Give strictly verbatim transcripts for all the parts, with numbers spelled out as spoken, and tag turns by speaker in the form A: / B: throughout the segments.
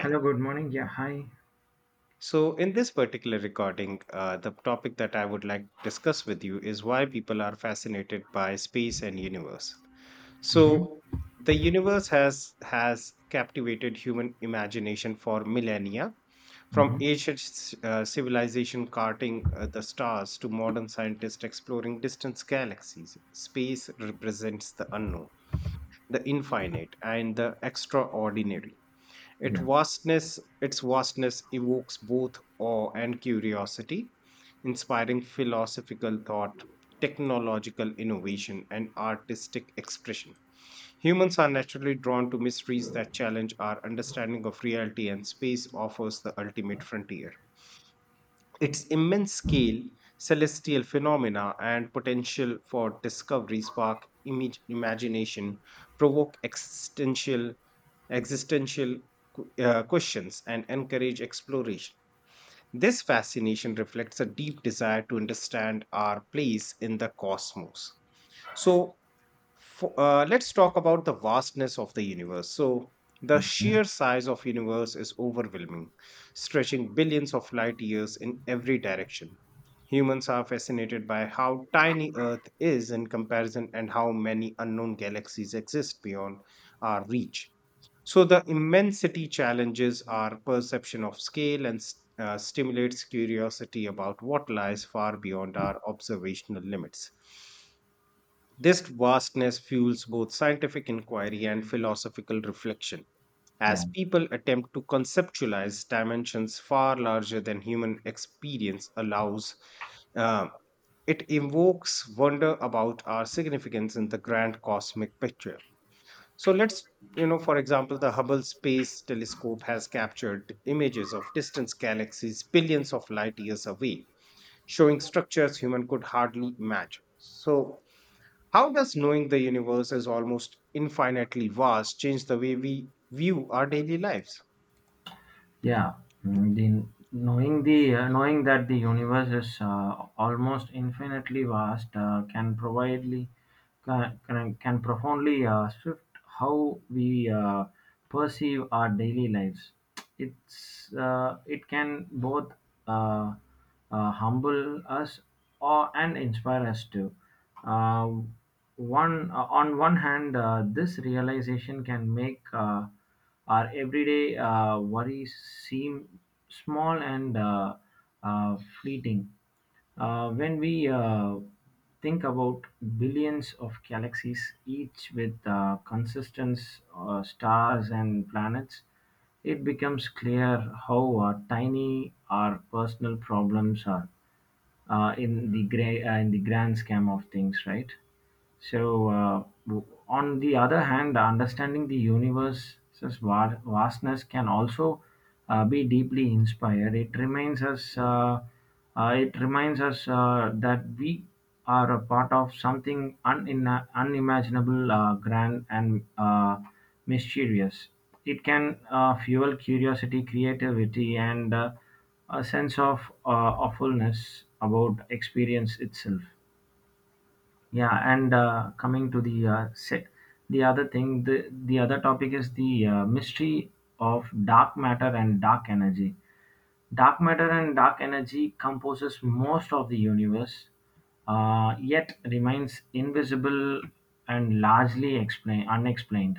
A: Hello, good morning. Yeah, hi.
B: So, in this particular recording, uh, the topic that I would like to discuss with you is why people are fascinated by space and universe.
A: Mm-hmm.
B: So, the universe has has captivated human imagination for millennia,
A: Mm-hmm.
B: from ancient c- uh, civilization carting uh, the stars to modern scientists exploring distant galaxies. Space represents the unknown, the infinite, and the extraordinary. Its
A: Yeah.
B: vastness, its vastness evokes both awe and curiosity, inspiring philosophical thought, technological innovation, and artistic expression. Humans are naturally drawn to mysteries that challenge our understanding of reality, and space offers the ultimate frontier. Its immense scale, celestial phenomena, and potential for discovery spark image, imagination, provoke existential existential qu- uh, questions and encourage exploration. This fascination reflects a deep desire to understand our place in the cosmos. So, fo- uh, let's talk about the vastness of the universe. So, the
A: Okay.
B: sheer size of universe is overwhelming, stretching billions of light years in every direction. Humans are fascinated by how tiny Earth is in comparison and how many unknown galaxies exist beyond our reach. So the immensity challenges our perception of scale and s- uh, stimulates curiosity about what lies far beyond our observational limits. This vastness fuels both scientific inquiry and philosophical reflection as
A: Yeah.
B: people attempt to conceptualize dimensions far larger than human experience allows. uh, it evokes wonder about our significance in the grand cosmic picture. So let's, you know, for example, the Hubble Space Telescope has captured images of distant galaxies billions of light years away, showing structures human could hardly imagine. So, how does knowing the universe is almost infinitely vast change the way we view our daily lives?
A: Yeah, mm, the knowing the uh, knowing that the universe is uh, almost infinitely vast uh, can providely can, can can profoundly uh, shift how we uh, perceive our daily lives. It's uh, it can both uh, uh, humble us or and inspire us too. Uh, one uh, on one hand, uh, this realization can make. Uh, our everyday uh, worries seem small and uh, uh, fleeting. Uh, when we uh, think about billions of galaxies, each with uh, consistent uh, stars and planets, it becomes clear how uh, tiny our personal problems are uh, in the gray, uh, in the grand scheme of things, right? So, uh, w- on the other hand, understanding the universe's va- vastness can also uh, be deeply inspired. It reminds us, uh, uh, it reminds us uh, that we are a part of something unin- unimaginable, uh, grand, and uh, mysterious. It can uh, fuel curiosity, creativity, and uh, a sense of uh, awfulness about experience itself, yeah, and uh, coming to the uh, se- the other thing the, the other topic is the uh, mystery of dark matter and dark energy. Dark matter and dark energy composes most of the universe, uh, yet remains invisible and largely explain, unexplained.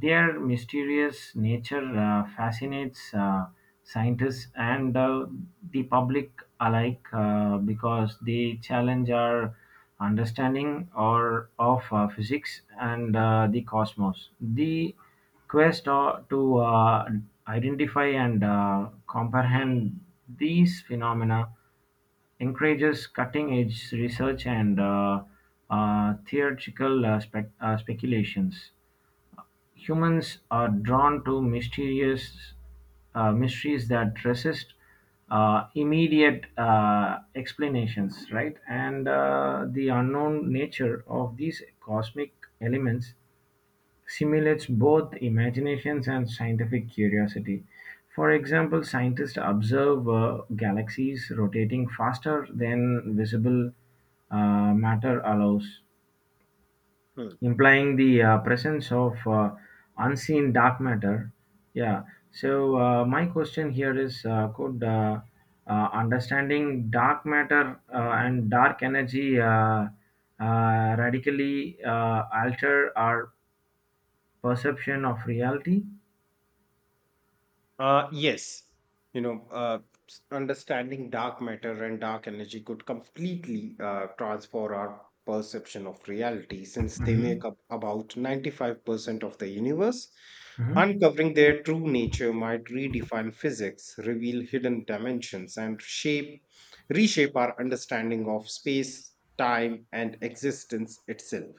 A: Their mysterious nature uh, fascinates uh, scientists and uh, the public alike uh, because they challenge our understanding or of uh, physics and uh, the cosmos. The quest uh, to uh, identify and uh, comprehend these phenomena encourages cutting-edge research and uh, uh, theoretical uh, spec- uh, speculations. Humans are drawn to mysterious uh, mysteries that resist uh, immediate uh, explanations, right? And uh, the unknown nature of these cosmic elements stimulates both imaginations and scientific curiosity. For example, scientists observe uh, galaxies rotating faster than visible uh, matter allows,
B: Hmm.
A: implying the uh, presence of uh, unseen dark matter. Yeah. So uh, my question here is: uh, could uh, uh, understanding dark matter uh, and dark energy uh, uh, radically uh, alter our perception of reality?
B: Uh, yes, you know, uh, s- understanding dark matter and dark energy could completely uh, transform our perception of reality since they
A: Mhm,
B: make up about ninety-five percent of the universe.
A: mhm.
B: Uncovering their true nature might redefine physics, reveal hidden dimensions, and shape, reshape our understanding of space, time, and existence itself,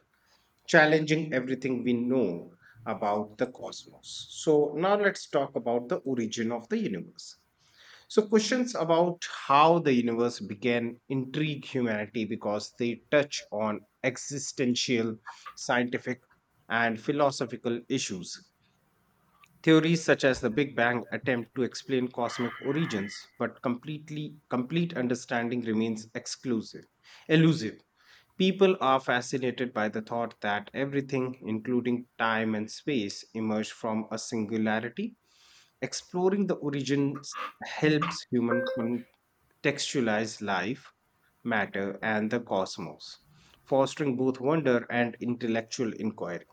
B: challenging everything we know about the cosmos. So, now let's talk about the origin of the universe. So, questions about how the universe began intrigue humanity because they touch on existential, scientific, and philosophical issues. Theories such as the Big Bang attempt to explain cosmic origins, but completely complete understanding remains exclusive, elusive. People are fascinated by the thought that everything, including time and space, emerged from a singularity. Exploring the origins helps human contextualize life, matter, and the cosmos, fostering both wonder and intellectual inquiry.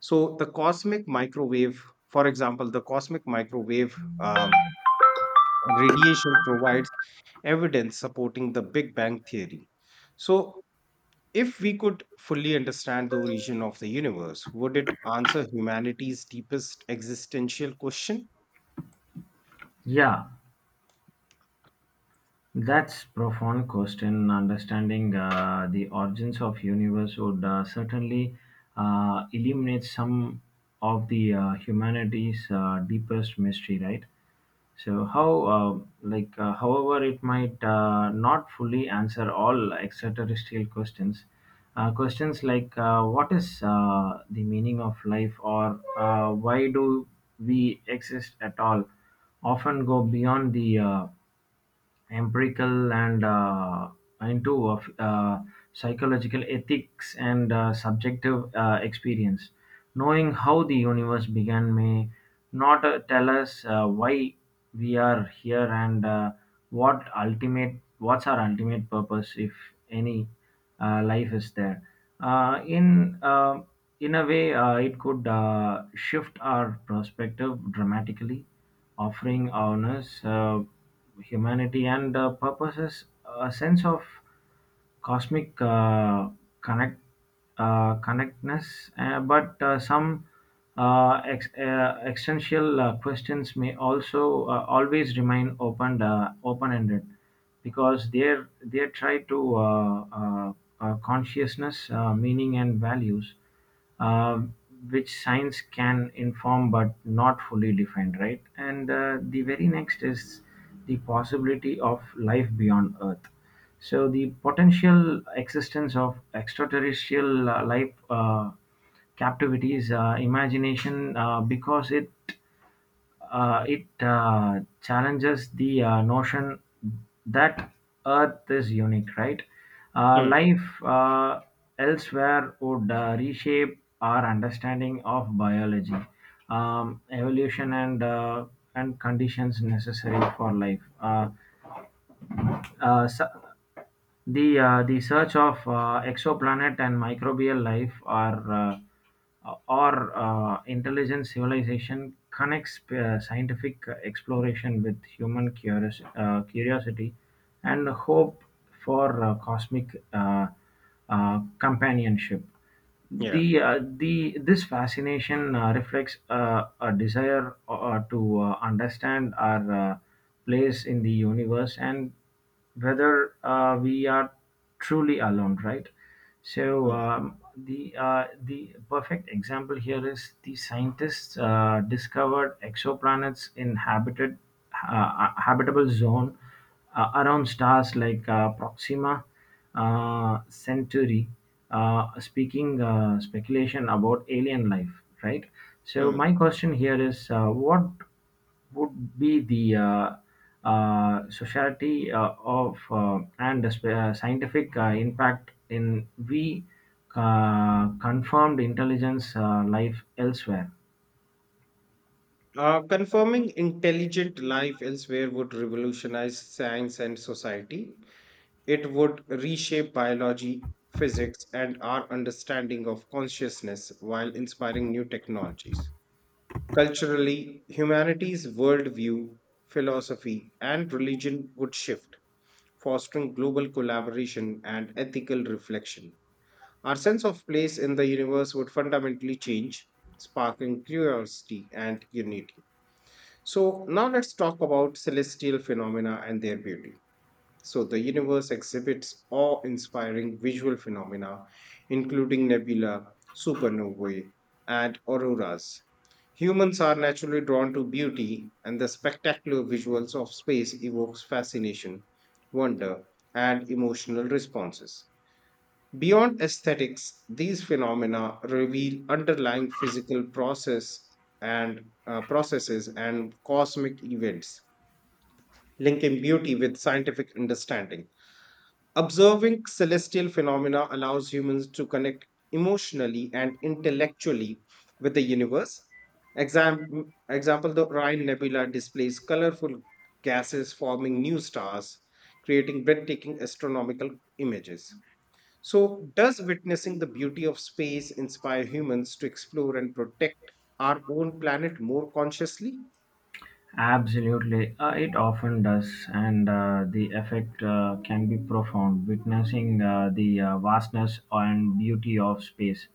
B: So, the cosmic microwave, for example, the cosmic microwave um, radiation provides evidence supporting the Big Bang theory. So, if we could fully understand the origin of the universe, would it answer humanity's deepest existential question?
A: Yeah, that's profound question. Understanding uh, the origins of universe would uh, certainly uh, eliminate some of the uh, humanity's uh, deepest mystery, right? So how, um like, uh, however, it might uh, not fully answer all extraterrestrial questions. Uh, questions like uh, what is uh, the meaning of life, or uh, why do we exist at all often go beyond the uh, empirical and uh, into of uh, psychological ethics and uh, subjective uh, experience. Knowing how the universe began may not uh, tell us uh, why we are here and uh, what ultimate what's our ultimate purpose, if any, uh, life is there. Uh, in uh, in a way, uh, it could uh, shift our perspective dramatically, offering awareness, uh, humanity, and uh, purposes, a sense of cosmic uh, connect uh, connectness. Uh, but uh, some uh, ex- uh, existential uh, questions may also uh, always remain open uh, open-ended, because they're they try to uh, uh, uh, consciousness, uh, meaning, and values, uh, which science can inform but not fully define, right? And uh, the very next is the possibility of life beyond Earth. So, the potential existence of extraterrestrial uh, life uh, captivates uh, imagination uh, because it uh, it uh, challenges the uh, notion that Earth is unique, right? Uh,
B: Mm,
A: life uh, elsewhere would uh, reshape our understanding of biology, um, evolution, and uh, and conditions necessary for life. Uh, uh, su- the uh, the search of uh, exoplanet and microbial life or uh, or uh, intelligent civilization connects uh, scientific exploration with human curios- uh, curiosity and hope for uh, cosmic uh, uh, companionship.
B: yeah.
A: The uh, the This fascination uh, reflects uh, a desire uh, uh, to uh, understand our uh, place in the universe and whether uh, we are truly alone, right? So,
B: Mm,
A: um, the uh, the perfect example here is the scientists uh, discovered exoplanets in habited uh, uh, habitable zone uh, around stars like uh, Proxima uh, Centauri, uh, speaking uh, speculation about alien life, right? So,
B: mm.
A: my question here is uh, what would be the uh, uh, society uh, of uh, and the sp- uh, scientific uh, impact in we uh, confirmed intelligence uh, life elsewhere?
B: Uh, confirming intelligent life elsewhere would revolutionize science and society. It would reshape biology, physics, and our understanding of consciousness while inspiring new technologies. Culturally, humanity's worldview, philosophy, and religion would shift, fostering global collaboration and ethical reflection. Our sense of place in the universe would fundamentally change, sparking curiosity and unity. So, now let's talk about celestial phenomena and their beauty. So the universe exhibits awe-inspiring visual phenomena, including nebula, supernovae, and auroras. Humans are naturally drawn to beauty, and the spectacular visuals of space evokes fascination, wonder, and emotional responses. Beyond aesthetics, these phenomena reveal underlying physical process and uh, processes and cosmic events, linking beauty with scientific understanding. Observing celestial phenomena allows humans to connect emotionally and intellectually with the universe. Exam- example, the Orion Nebula displays colorful gases forming new stars, creating breathtaking astronomical images. So, does witnessing the beauty of space inspire humans to explore and protect our own planet more consciously?
A: Absolutely, uh, it often does, and uh, the effect uh, can be profound. Witnessing uh, the uh, vastness and beauty of space,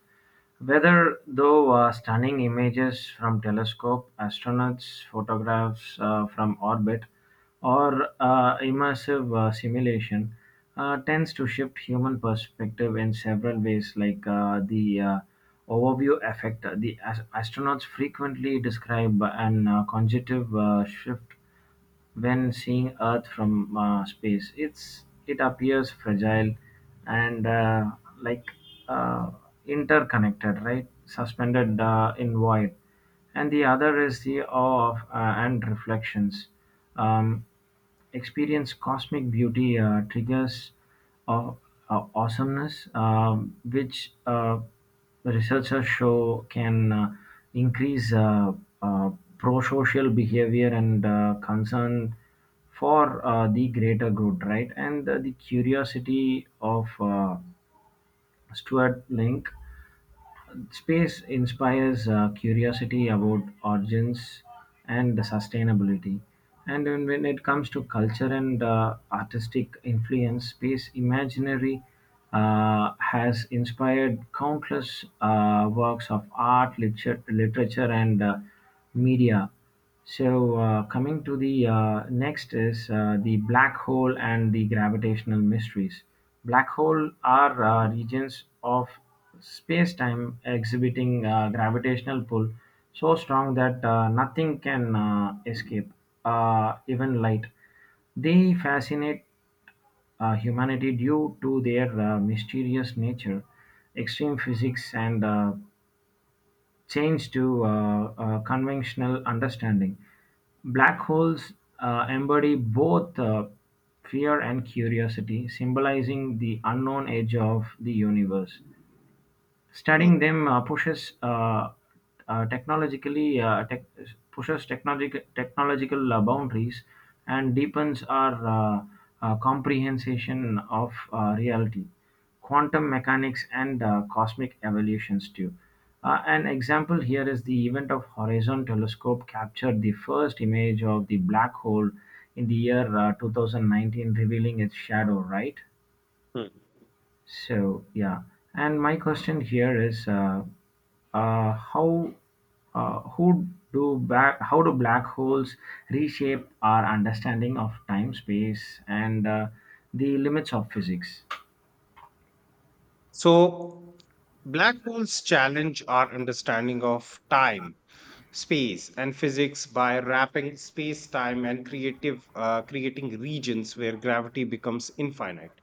A: whether though were stunning images from telescope, astronauts' photographs uh, from orbit, or uh, immersive uh, simulation, uh, tends to shift human perspective in several ways, like uh, the uh, overview effect. The as- astronauts frequently describe an uh, cognitive uh, shift when seeing Earth from uh, space. It's it appears fragile and uh, like uh, interconnected, right? Suspended uh, in void, and the other is the awe of uh, and reflections. Um, Experience cosmic beauty uh, triggers of uh, awesomeness, um, which uh, researchers show can uh, increase uh, uh, pro-social behavior and uh, concern for uh, the greater good, right? And uh, the curiosity of uh, Stuart Link Space inspires uh, curiosity about origins and the sustainability. And then when it comes to culture and uh, artistic influence, space imaginary uh, has inspired countless uh, works of art, liter- literature, and uh, media. So, uh, coming to the uh, next is uh, the black hole and the gravitational mysteries. Black hole are uh, regions of space-time exhibiting uh, gravitational pull so strong that uh, nothing can uh, escape, uh, even light. They fascinate uh, humanity due to their uh, mysterious nature, extreme physics, and uh, change to uh, uh, conventional understanding. Black holes uh, embody both uh, fear and curiosity, symbolizing the unknown edge of the universe.
B: Hmm.
A: Studying them uh, pushes uh, uh, technologically uh, tech, pushes technological technological uh, boundaries and deepens our uh, uh, comprehension of uh, reality, quantum mechanics, and uh, cosmic evolutions too. Uh, an example here is the event of Horizon telescope captured the first image of the black hole in the year uh, twenty nineteen, revealing its shadow. Right. So yeah, and my question here is, uh, uh, how, uh, who do black, how do black holes reshape our understanding of time, space, and uh, the limits of physics?
B: So, black holes challenge our understanding of time, space, and physics by wrapping space-time and creative uh, creating regions where gravity becomes infinite.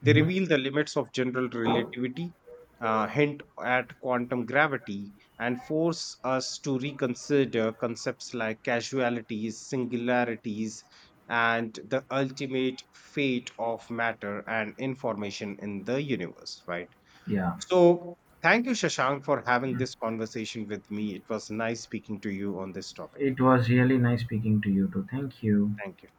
B: They
A: Hmm.
B: reveal the limits of general relativity, uh, hint at quantum gravity, and force us to reconsider concepts like casualities, singularities, and the ultimate fate of matter and information in the universe, right?
A: Yeah,
B: So, thank you, Shashank, for having this conversation with me. It was nice speaking to you on this topic.
A: it was really nice speaking to you too. Thank you.
B: Thank you.